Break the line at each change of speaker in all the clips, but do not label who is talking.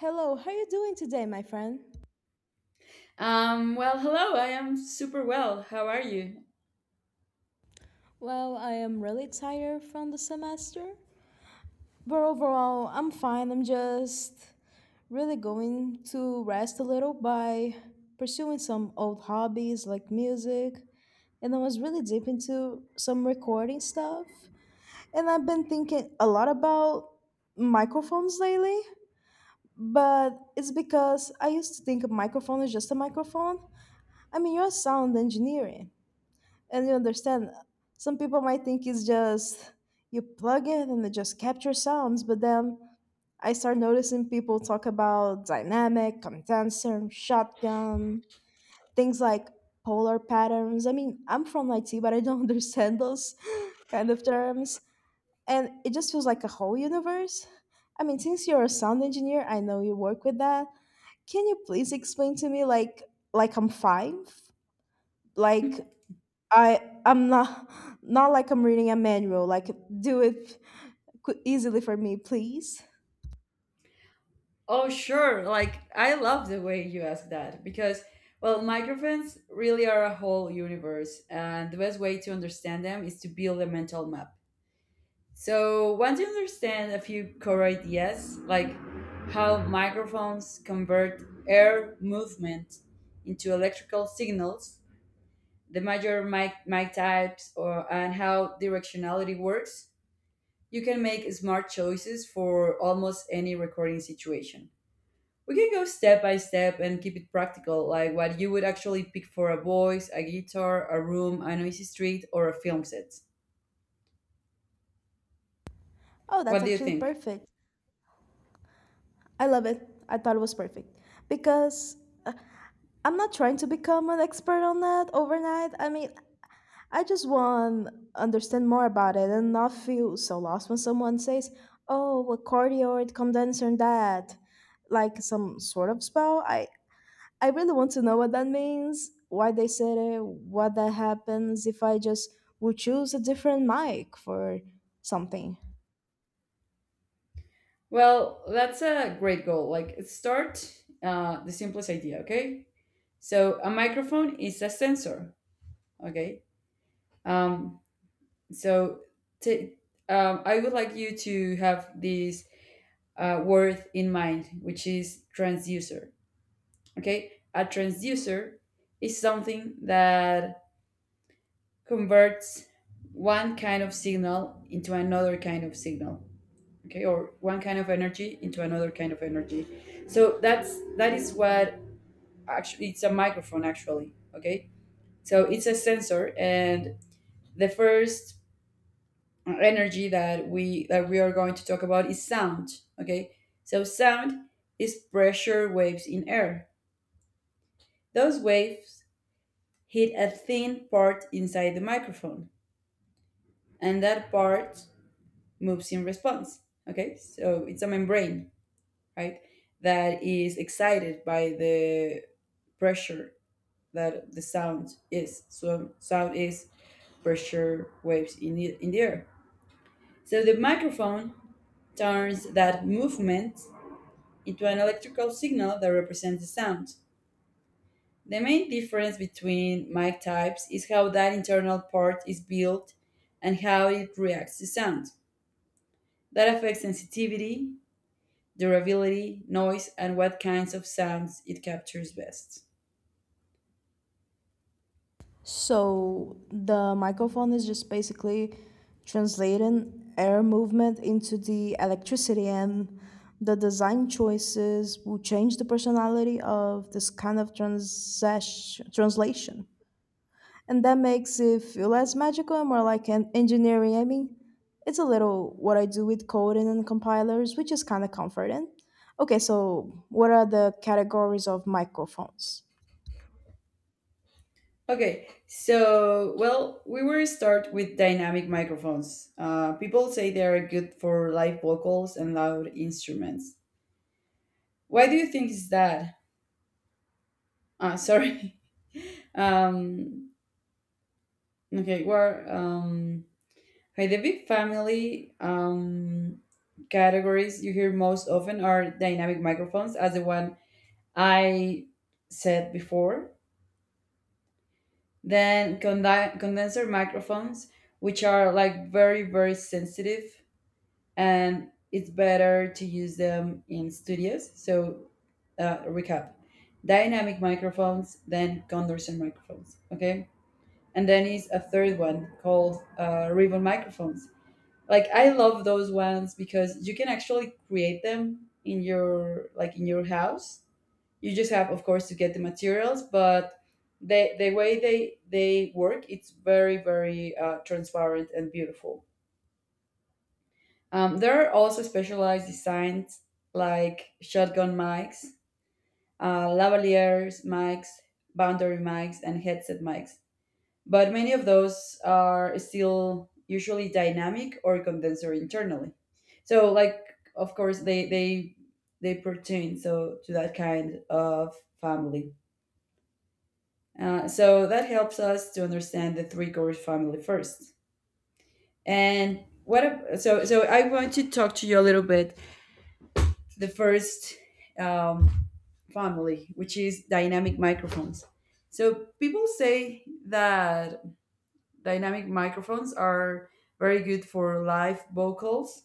Hello, how are you doing today, my friend?
Hello, I am super well. How are you?
Well, I am really tired from the semester, but overall, I'm fine. I'm just really going to rest a little by pursuing some old hobbies like music. And I was really deep into some recording stuff. And I've been thinking a lot about microphones lately, but it's because I used to think a microphone is just a microphone. I mean, you're a sound engineer. And you understand, some people might think it's just you plug it and it just captures sounds, but then I start noticing people talk about dynamic, condenser, shotgun, things like polar patterns. I mean, I'm from IT, but I don't understand those kind of terms. And it just feels like a whole universe. I mean, since you're a sound engineer, I know you work with that. Can you please explain to me like I'm five? Like I'm not like I'm reading a manual. Like do it easily for me, please.
Oh, sure. Like, I love the way you ask that, well, microphones really are a whole universe, and the best way to understand them is to build a mental map. So, once you understand a few core ideas, like how microphones convert air movement into electrical signals, the major mic types, or and how directionality works, you can make smart choices for almost any recording situation. We can go step by step and keep it practical, like what you would actually pick for a voice, a guitar, a room, a noisy street, or a film set.
Oh, that's
What do you
actually
think?
perfect. I love it. I thought it was perfect because I'm not trying to become an expert on that overnight. I mean, I just want understand more about it and not feel so lost when someone says, "Oh, a cardioid condenser and that." Like some sort of spell. I really want to know what that means, why they said it, what that happens if I just would choose a different mic for something.
Well, that's a great goal. Like, start the simplest idea, okay? So, a microphone is a sensor, okay? Um, so, t- I would like you to have this word in mind, which is transducer. Okay, a transducer is something that converts one kind of signal into another kind of signal. Okay, or one kind of energy into another kind of energy. So that is what actually it's a microphone actually. Okay, so it's a sensor, and the first energy that we are going to talk about is sound. Okay, so sound is pressure waves in air. Those waves hit a thin part inside the microphone, and that part moves in response. Okay, so it's a membrane, right? That is excited by the pressure that the sound is. So sound is pressure waves in the air. So the microphone turns that movement into an electrical signal that represents the sound. The main difference between mic types is how that internal part is built and how it reacts to sound. That affects sensitivity, durability, noise, and what kinds of sounds it captures best.
So the microphone is just basically translating air movement into the electricity and the design choices will change the personality of this kind of translation. And that makes it feel less magical and more like an engineering. I mean, it's a little what I do with coding and compilers, which is kind of comforting. Okay, so what are the categories of microphones?
Okay, so, well, we will start with dynamic microphones. People say they are good for live vocals and loud instruments. Why do you think is that? Ah, sorry. Um, okay, well, um, Okay, the big family categories you hear most often are dynamic microphones, as the one I said before. Then condenser microphones, which are like very, very sensitive, and it's better to use them in studios. So, recap dynamic microphones, then condenser microphones. Okay. And then is a third one called ribbon microphones. Like, I love those ones because you can actually create them in your like in your house. You just have, of course, to get the materials, but they, the way they work, it's very very transparent and beautiful. There are also specialized designs like shotgun mics, lavaliers mics, boundary mics, and headset mics, but many of those are still usually dynamic or condenser internally. So like, of course, they pertain so to that kind of family. So that helps us to understand the three core family first. And what ab- so so I want to talk to you a little bit the first, um, family, which is dynamic microphones. So people say that dynamic microphones are very good for live vocals.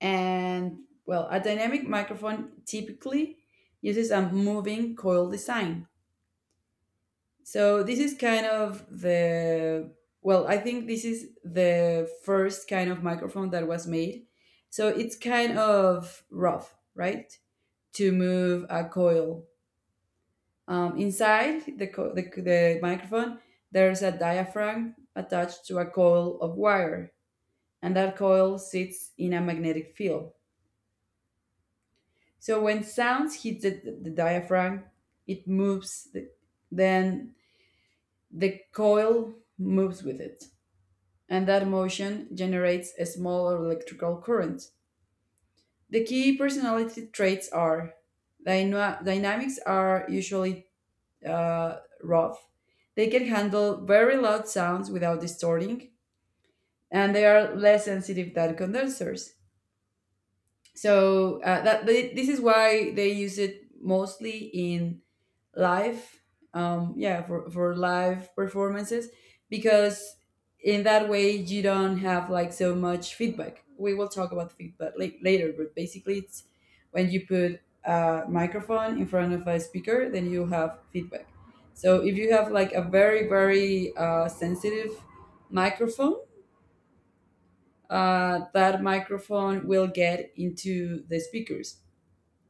And well, a dynamic microphone typically uses a moving coil design. So this is kind of the, well, I think this is the first kind of microphone that was made. So it's kind of rough, right? To move a coil. Inside the microphone, there's a diaphragm attached to a coil of wire, and that coil sits in a magnetic field. So when sounds hit the diaphragm, it moves, then the coil moves with it, and that motion generates a small electrical current. The key personality traits are dynamics are usually rough. They can handle very loud sounds without distorting, and they are less sensitive than condensers. So this is why they use it mostly in live, yeah, for live performances, because in that way you don't have like so much feedback. We will talk about feedback later, but basically it's when you put a microphone in front of a speaker, then you have feedback. So if you have like a very very sensitive microphone, that microphone will get into the speakers,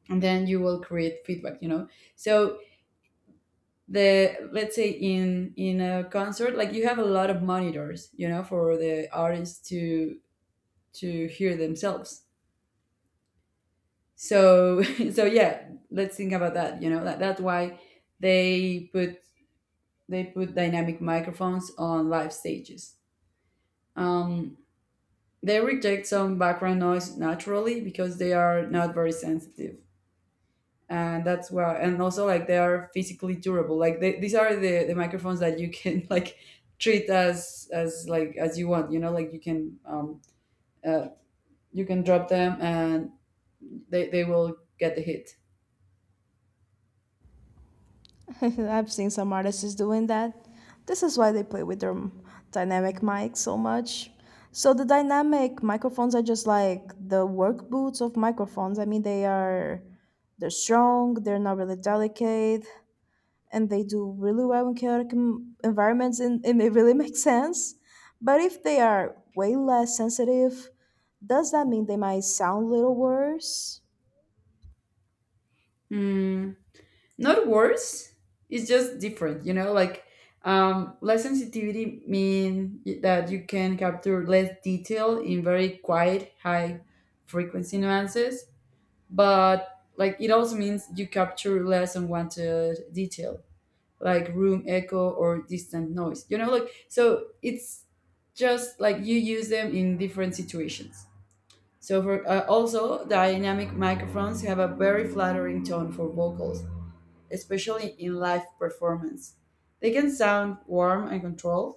and then you will create feedback, you know. So the, let's say, in a concert, like you have a lot of monitors, you know, for the artists to hear themselves. So so yeah, let's think about that, you know, that's why they put they put dynamic microphones on live stages. um, they reject some background noise naturally because they are not very sensitive. And that's where, and also, like, they are physically durable. Like these are the microphones that you can like treat as as you want, you know. Like, uh, you can drop them, and they will get the hit.
I've seen some artists doing that. This is why they play with their dynamic mics so much. So the dynamic microphones are just like the work boots of microphones. I mean, they're strong, they're not really delicate. And they do really well in chaotic environments and it really makes sense. But if they are way less sensitive, does that mean they might sound a little worse?
Mm, not worse, it's just different, you know. Like, less sensitivity mean that you can capture less detail in very quiet high frequency nuances, but like it also means you capture less unwanted detail, like room echo or distant noise, you know. Like, so it's just like you use them in different situations. So for also dynamic microphones have a very flattering tone for vocals, especially in live performance. They can sound warm and controlled,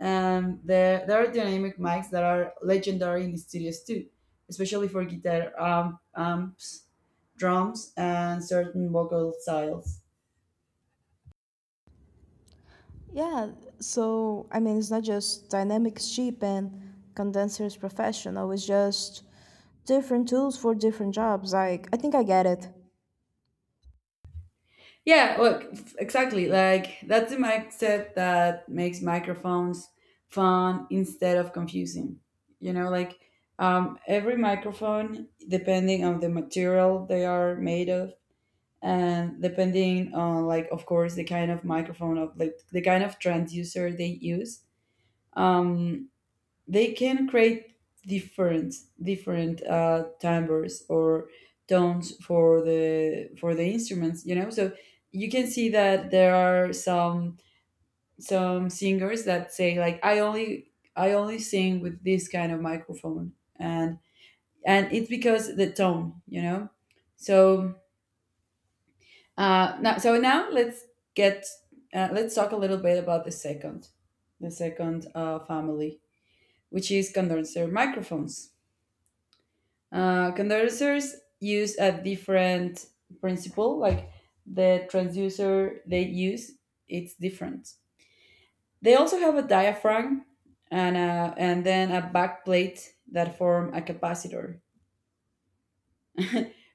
and there are dynamic mics that are legendary in studios too, especially for guitar amps, drums, and certain vocal styles.
Yeah, so I mean, it's not just Dynamics cheap and condensers professional, it's just different tools for different jobs. Like, I think I get it.
Yeah, look, exactly. Like, that's the mindset that makes microphones fun instead of confusing. You know, like, every microphone, depending on the material they are made of, and depending on, like, of course, the kind of microphone, of like the kind of transducer they use, um, they can create different different timbres or tones for the instruments, you know. So you can see that there are some singers that say, like, I only sing with this kind of microphone, and it's because the tone, you know. So now so now let's get let's talk a little bit about the second, the second family, which is condenser microphones. Condensers use a different principle, like the transducer they use, it's different. They also have a diaphragm and and then a backplate that form a capacitor,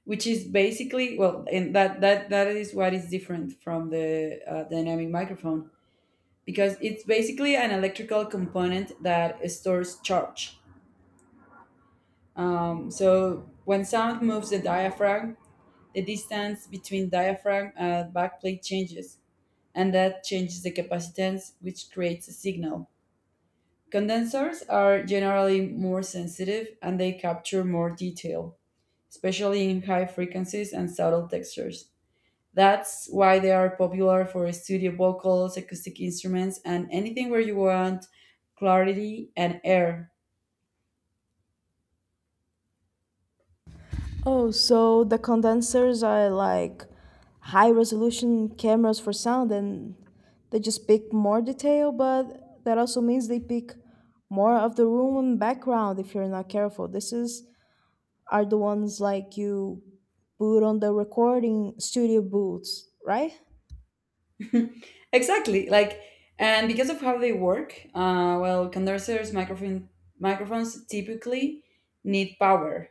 which is basically, well, and that is what is different from the dynamic microphone, because it's basically an electrical component that stores charge. So when sound moves the diaphragm, the distance between diaphragm and backplate changes, and that changes the capacitance, which creates a signal. Condensers are generally more sensitive and they capture more detail, especially in high frequencies and subtle textures. That's why they are popular for studio vocals, acoustic instruments, and anything where you want clarity and air.
Oh, so the condensers are like high resolution cameras for sound and they just pick more detail, but that also means they pick more of the room and background if you're not careful. This is are the ones like you put on the recording studio booths, right?
Exactly. Like, and because of how they work, well, microphones typically need power.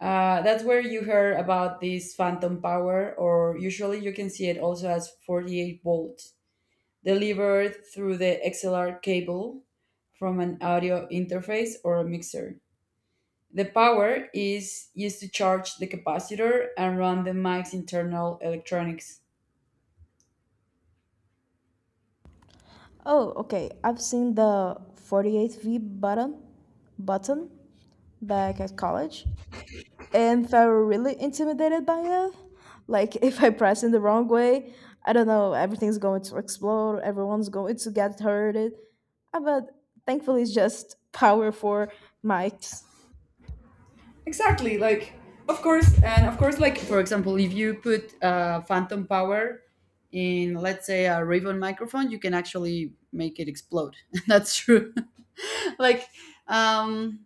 That's where you heard about this phantom power, or usually you can see it also as 48 volts delivered through the XLR cable from an audio interface or a mixer. The power is used to charge the capacitor and run the mic's internal electronics.
Oh, okay. I've seen the 48 V button back at college, and felt really intimidated by it. Like if I press in the wrong way, I don't know, everything's going to explode, everyone's going to get hurted. But thankfully, it's just power for mics.
Exactly. Like, of course, and of course, like, for example, if you put phantom power in, let's say, a ribbon microphone, you can actually make it explode. That's true. Like, um,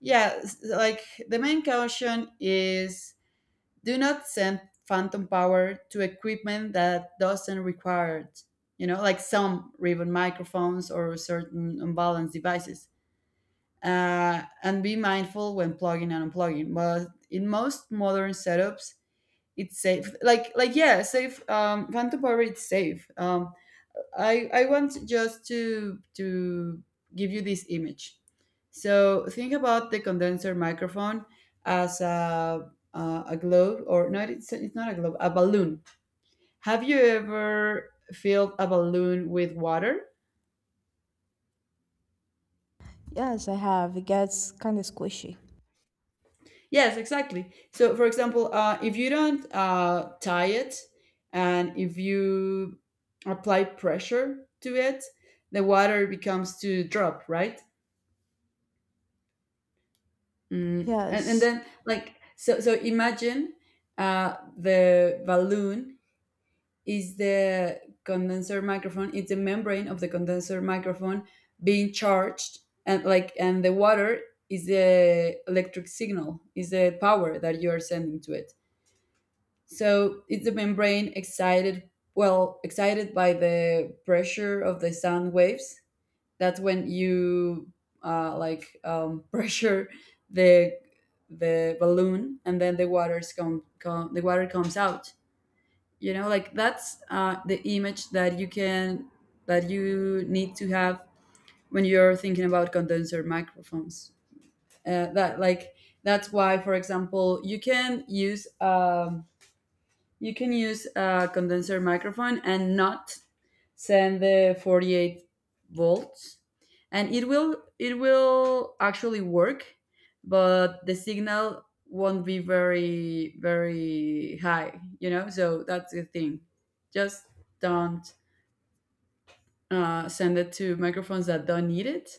like the main caution is do not send phantom power to equipment that doesn't require it. You know, like some ribbon microphones or certain unbalanced devices, and be mindful when plugging and unplugging. But in most modern setups, it's safe. Like, yeah, safe. Phantom Power it's safe. I want just to give you this image. So think about the condenser microphone as a globe, or no, it's not a globe, a balloon. Have you ever filled a balloon with water?
Yes, I have. It gets kind of squishy.
Yes, exactly. So, for example, if you don't tie it, and if you apply pressure to it, the water becomes to drop, right? And
Yes.
then, like, so, so imagine the balloon is the condenser microphone, it's the membrane of the condenser microphone being charged, and like, and the water is the electric signal, is the power that you are sending to it. So it's the membrane excited? Well, excited by the pressure of the sound waves. That's when you pressure the balloon, and then the water comes out. You know, like, that's the image that you can, that you need to have when you're thinking about condenser microphones. That, like, that's why, for example, you can use. You can use a condenser microphone and not send the 48 volts, and it will actually work, but the signal won't be very high. So that's the thing. Just don't send it to microphones that don't need it.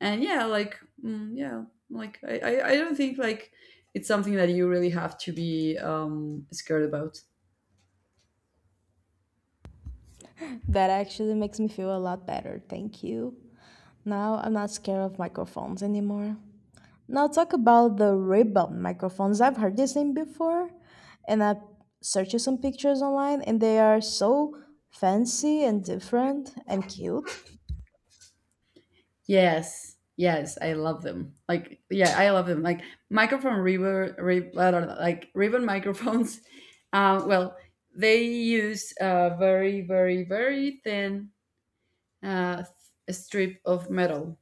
And yeah, like, yeah, like I don't think like it's something that you really have to be scared about.
That actually makes me feel a lot better, thank you. Now I'm not scared of microphones anymore. Now talk about the ribbon microphones. I've heard this name before, and I searched some pictures online, and they are so fancy and different and cute.
Yes. Yes, I love them. Like, yeah, I love them. Like microphone ribbon, rib, I don't know, like ribbon microphones. Well, they use a very thin uh, strip of metal,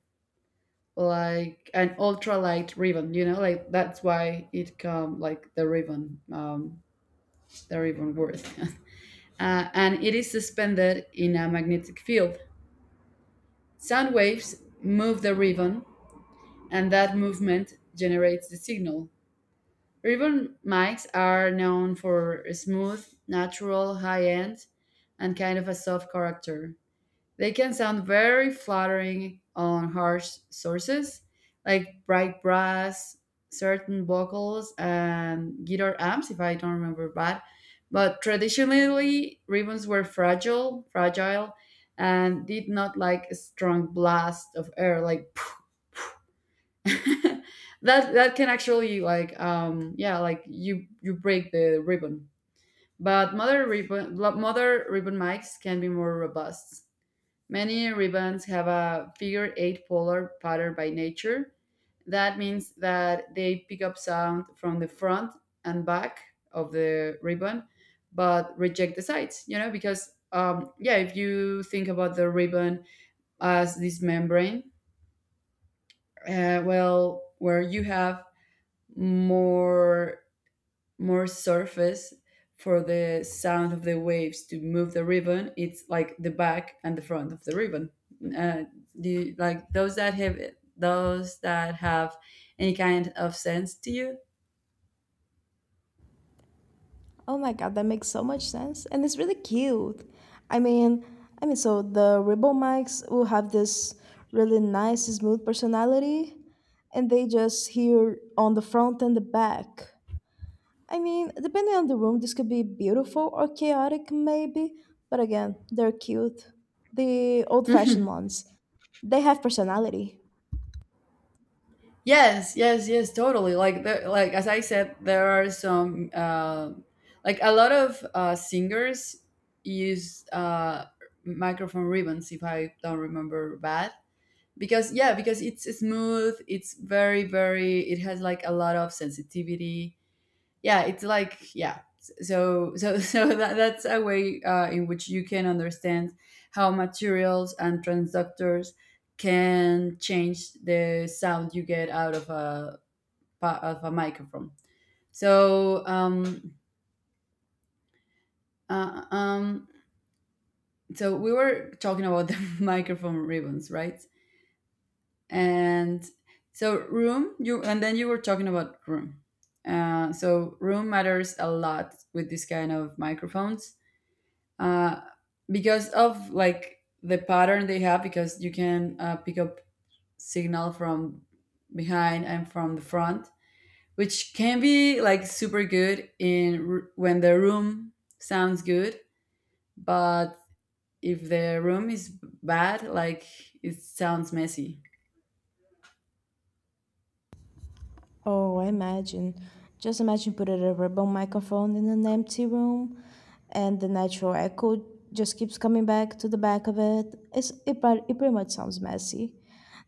like an ultralight ribbon. You know, like that's why it come like the ribbon word. And it is suspended in a magnetic field. Sound waves move the ribbon and that movement generates the signal. Ribbon mics are known for a smooth, natural, high end, and kind of a soft character. They can sound very flattering on harsh sources, like bright brass, certain vocals, and guitar amps, if I don't remember bad. But traditionally, ribbons were fragile, and did not like a strong blast of air, like that that can actually like yeah, like you break the ribbon. But mother ribbon mics can be more robust. Many ribbons have a figure eight polar pattern by nature. That means that they pick up sound from the front and back of the ribbon, but reject the sides, you know, because yeah, if you think about the ribbon as this membrane, well, where you have more more surface for the sound of the waves to move the ribbon. It's like the back and the front of the ribbon. uh, do you, like those that have any kind of sense to you?
Oh my god, that makes so much sense, and it's really cute. I mean, I mean, so the ribbon mics will have this really nice, smooth personality, and they just hear on the front and the back. I mean, depending on the room, this could be beautiful or chaotic, maybe. But again, they're cute. The old fashioned
Mhm.
ones. They have personality.
Yes, yes, yes, totally. Like the, like as I said, there are some like a lot of singers use microphone ribbons, if I don't remember bad. Because yeah, because it's smooth, it's very very, it has like a lot of sensitivity. Yeah, it's like, yeah, so so that's a way in which you can understand how materials and transductors can change the sound you get out of a of a microphone. So uh, um so we were talking about the microphone ribbons, right? And so room you and then you were talking about room. So room matters a lot with this kind of microphones. uh, because of like the pattern they have, because you can pick up signal from behind and from the front, which can be like super good when the room sounds good. But if the room is bad, like it sounds messy.
Oh, imagine. Just imagine putting a rebel microphone in an empty room and the natural echo just keeps coming back to the back of it. It pretty much sounds messy.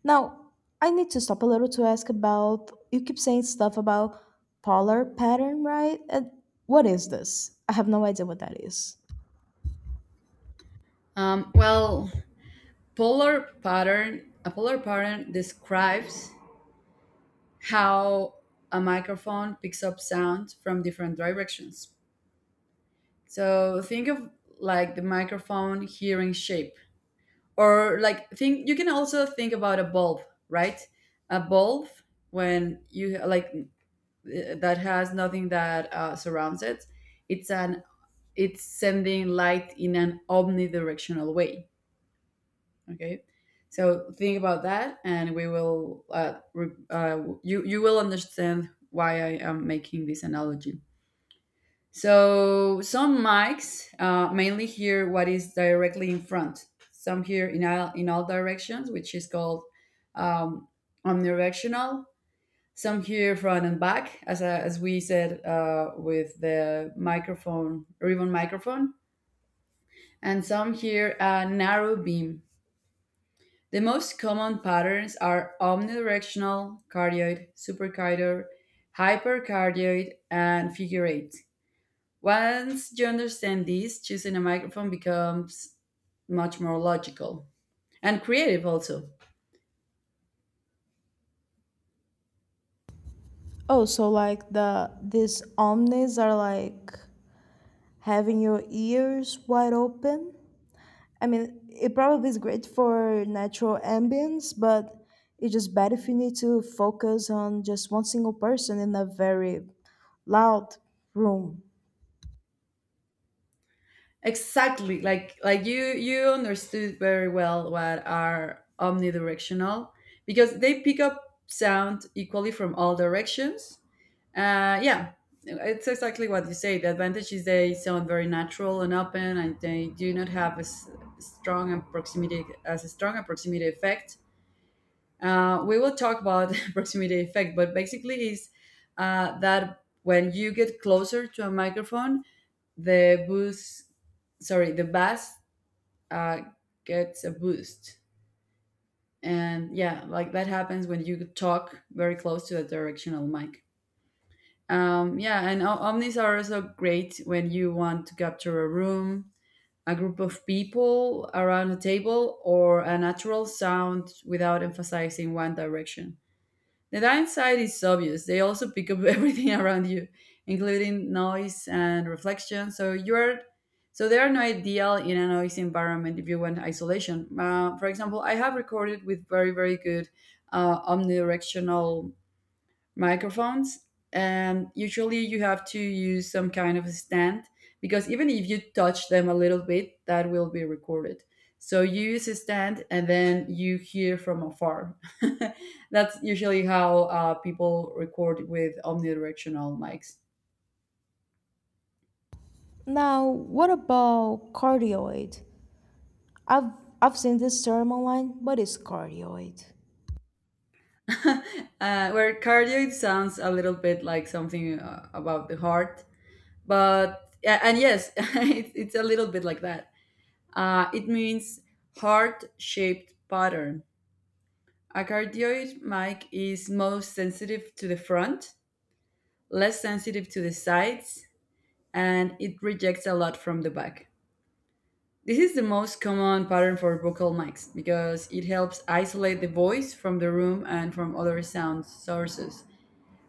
Now, I need to stop a little to ask about you keep saying stuff about polar pattern, right? And what is this? I have no idea what that is.
Well, polar pattern, a polar pattern describes how a microphone picks up sound from different directions. So think of like the microphone hearing shape, or like think, you can also think about a bulb, right? A bulb when you like that has nothing that surrounds it. It's an it's sending light in an omnidirectional way. Okay. So think about that, and we will. You will understand why I am making this analogy. So some mics mainly hear what is directly in front. Some hear in all directions, which is called um, omnidirectional. Some hear front and back, as we said with the microphone ribbon microphone, and some hear a narrow beam. The most common patterns are omnidirectional, cardioid, supercardioid, hypercardioid, and figure eight. Once you understand these, choosing a microphone becomes much more logical and creative also.
Oh, so like these omnis are like having your ears wide open? I mean, it probably is great for natural ambience, but it's just bad if you need to focus on just one single person in a very loud room.
Exactly, like you understood very well what are omnidirectional, because they pick up sound equally from all directions. Yeah, it's exactly what you say. The advantage is they sound very natural and open, and they do not have a strong and proximity as a strong a proximity effect. We will talk about proximity effect, but basically is that when you get closer to a microphone, the boost, sorry, the bass uh, gets a boost, and yeah, like that happens when you talk very close to a directional mic. Yeah, and omnis are also great when you want to capture a room, a group of people around a table, or a natural sound without emphasizing one direction. The downside is obvious. They also pick up everything around you, including noise and reflection. So they are no ideal in a noisy environment if you want isolation. For example, I have recorded with very, very good omnidirectional microphones, and usually you have to use some kind of a stand, because even if you touch them a little bit, that will be recorded. So you use a stand, and then you hear from afar. That's usually how people record with omnidirectional mics.
Now, what about cardioid? I've I've seen this term online, but it's cardioid.
Where cardioid sounds a little bit like something about the heart, but yeah, and yes, it, it's a little bit like that. It means heart shaped pattern. A cardioid mic is most sensitive to the front, less sensitive to the sides, and it rejects a lot from the back. This is the most common pattern for vocal mics because it helps isolate the voice from the room and from other sound sources.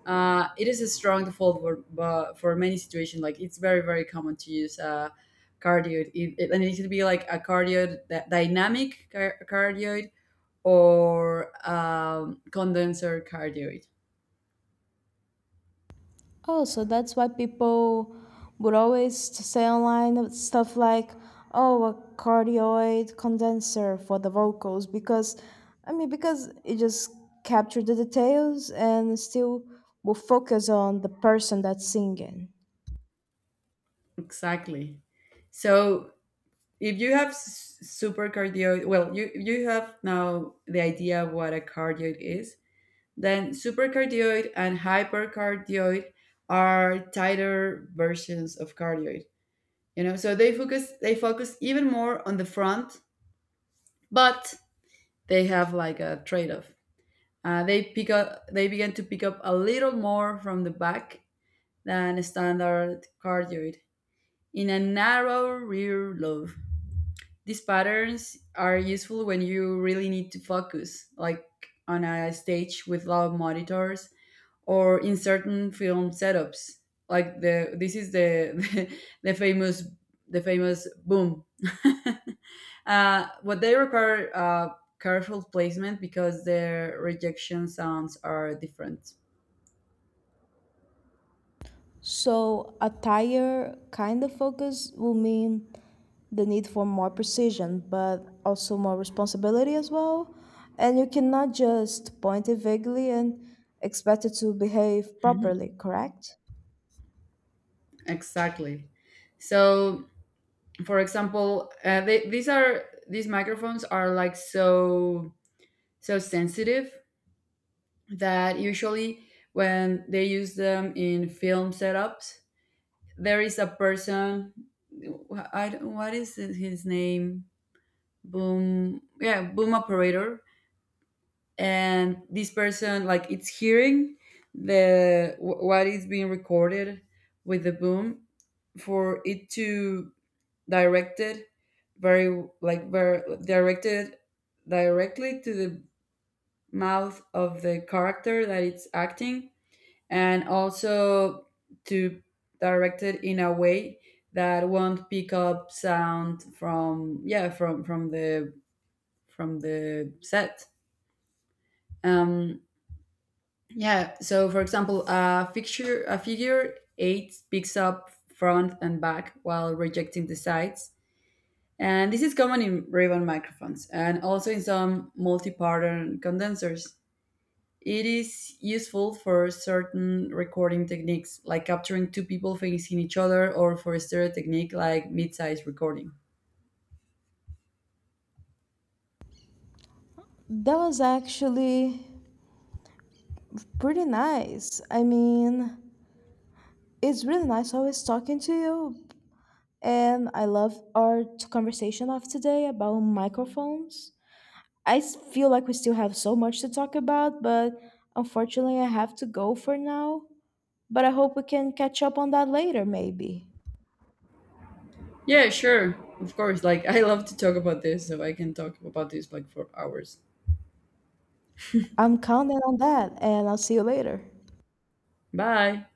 It is a strong default for, but for many situations. Like it's very, very common to use a cardioid, and it should be like a cardioid, that dynamic cardioid, or condenser cardioid.
Oh, so that's why people would always say online of stuff like, oh, a cardioid condenser for the vocals, because, I mean, because it just captured the details and still will focus on the person that's singing.
Exactly. So if you have super cardioid, well, you have now the idea of what a cardioid is. Then supercardioid and hypercardioid are tighter versions of cardioid. You know, so they focus even more on the front, but they have like a trade off. They begin to pick up a little more from the back than a standard cardioid, in a narrow rear lobe. These patterns are useful when you really need to focus, like on a stage with loud monitors or in certain film setups. Like the this is the famous the famous boom. What they require careful placement because the rejection sounds are different.
So, attire kind of focus will mean the need for more precision, but also more responsibility as well. And you cannot just point it vaguely and expect it to behave
Mhm.
properly, correct?
Exactly. So, for example, these are these microphones are like so so sensitive that usually when they use them in film setups, there is a person. I don't- what is his name? Boom. Yeah, boom operator. And this person, like, it's hearing what is being recorded with the boom, for it to direct it very like very directed, directly to the mouth of the character that it's acting, and also to direct it in a way that won't pick up sound from yeah from the from the set. um yeah, so for example, a figure eight picks up front and back while rejecting the sides, and this is common in ribbon microphones and also in some multi-pattern condensers. It is useful for certain recording techniques, like capturing two people facing each other, or for a stereo technique, like mid size recording.
That was actually pretty nice. I mean, it's really nice always talking to you. And I love our conversation of today about microphones. Feel like we still have so much to talk about, but unfortunately, I have to go for now. But I hope we can catch up on that later, maybe.
Yeah, sure. Of course. Like, I love to talk about this, so I can talk about this like for hours.
I'm counting on that, and I'll see you later.
Bye.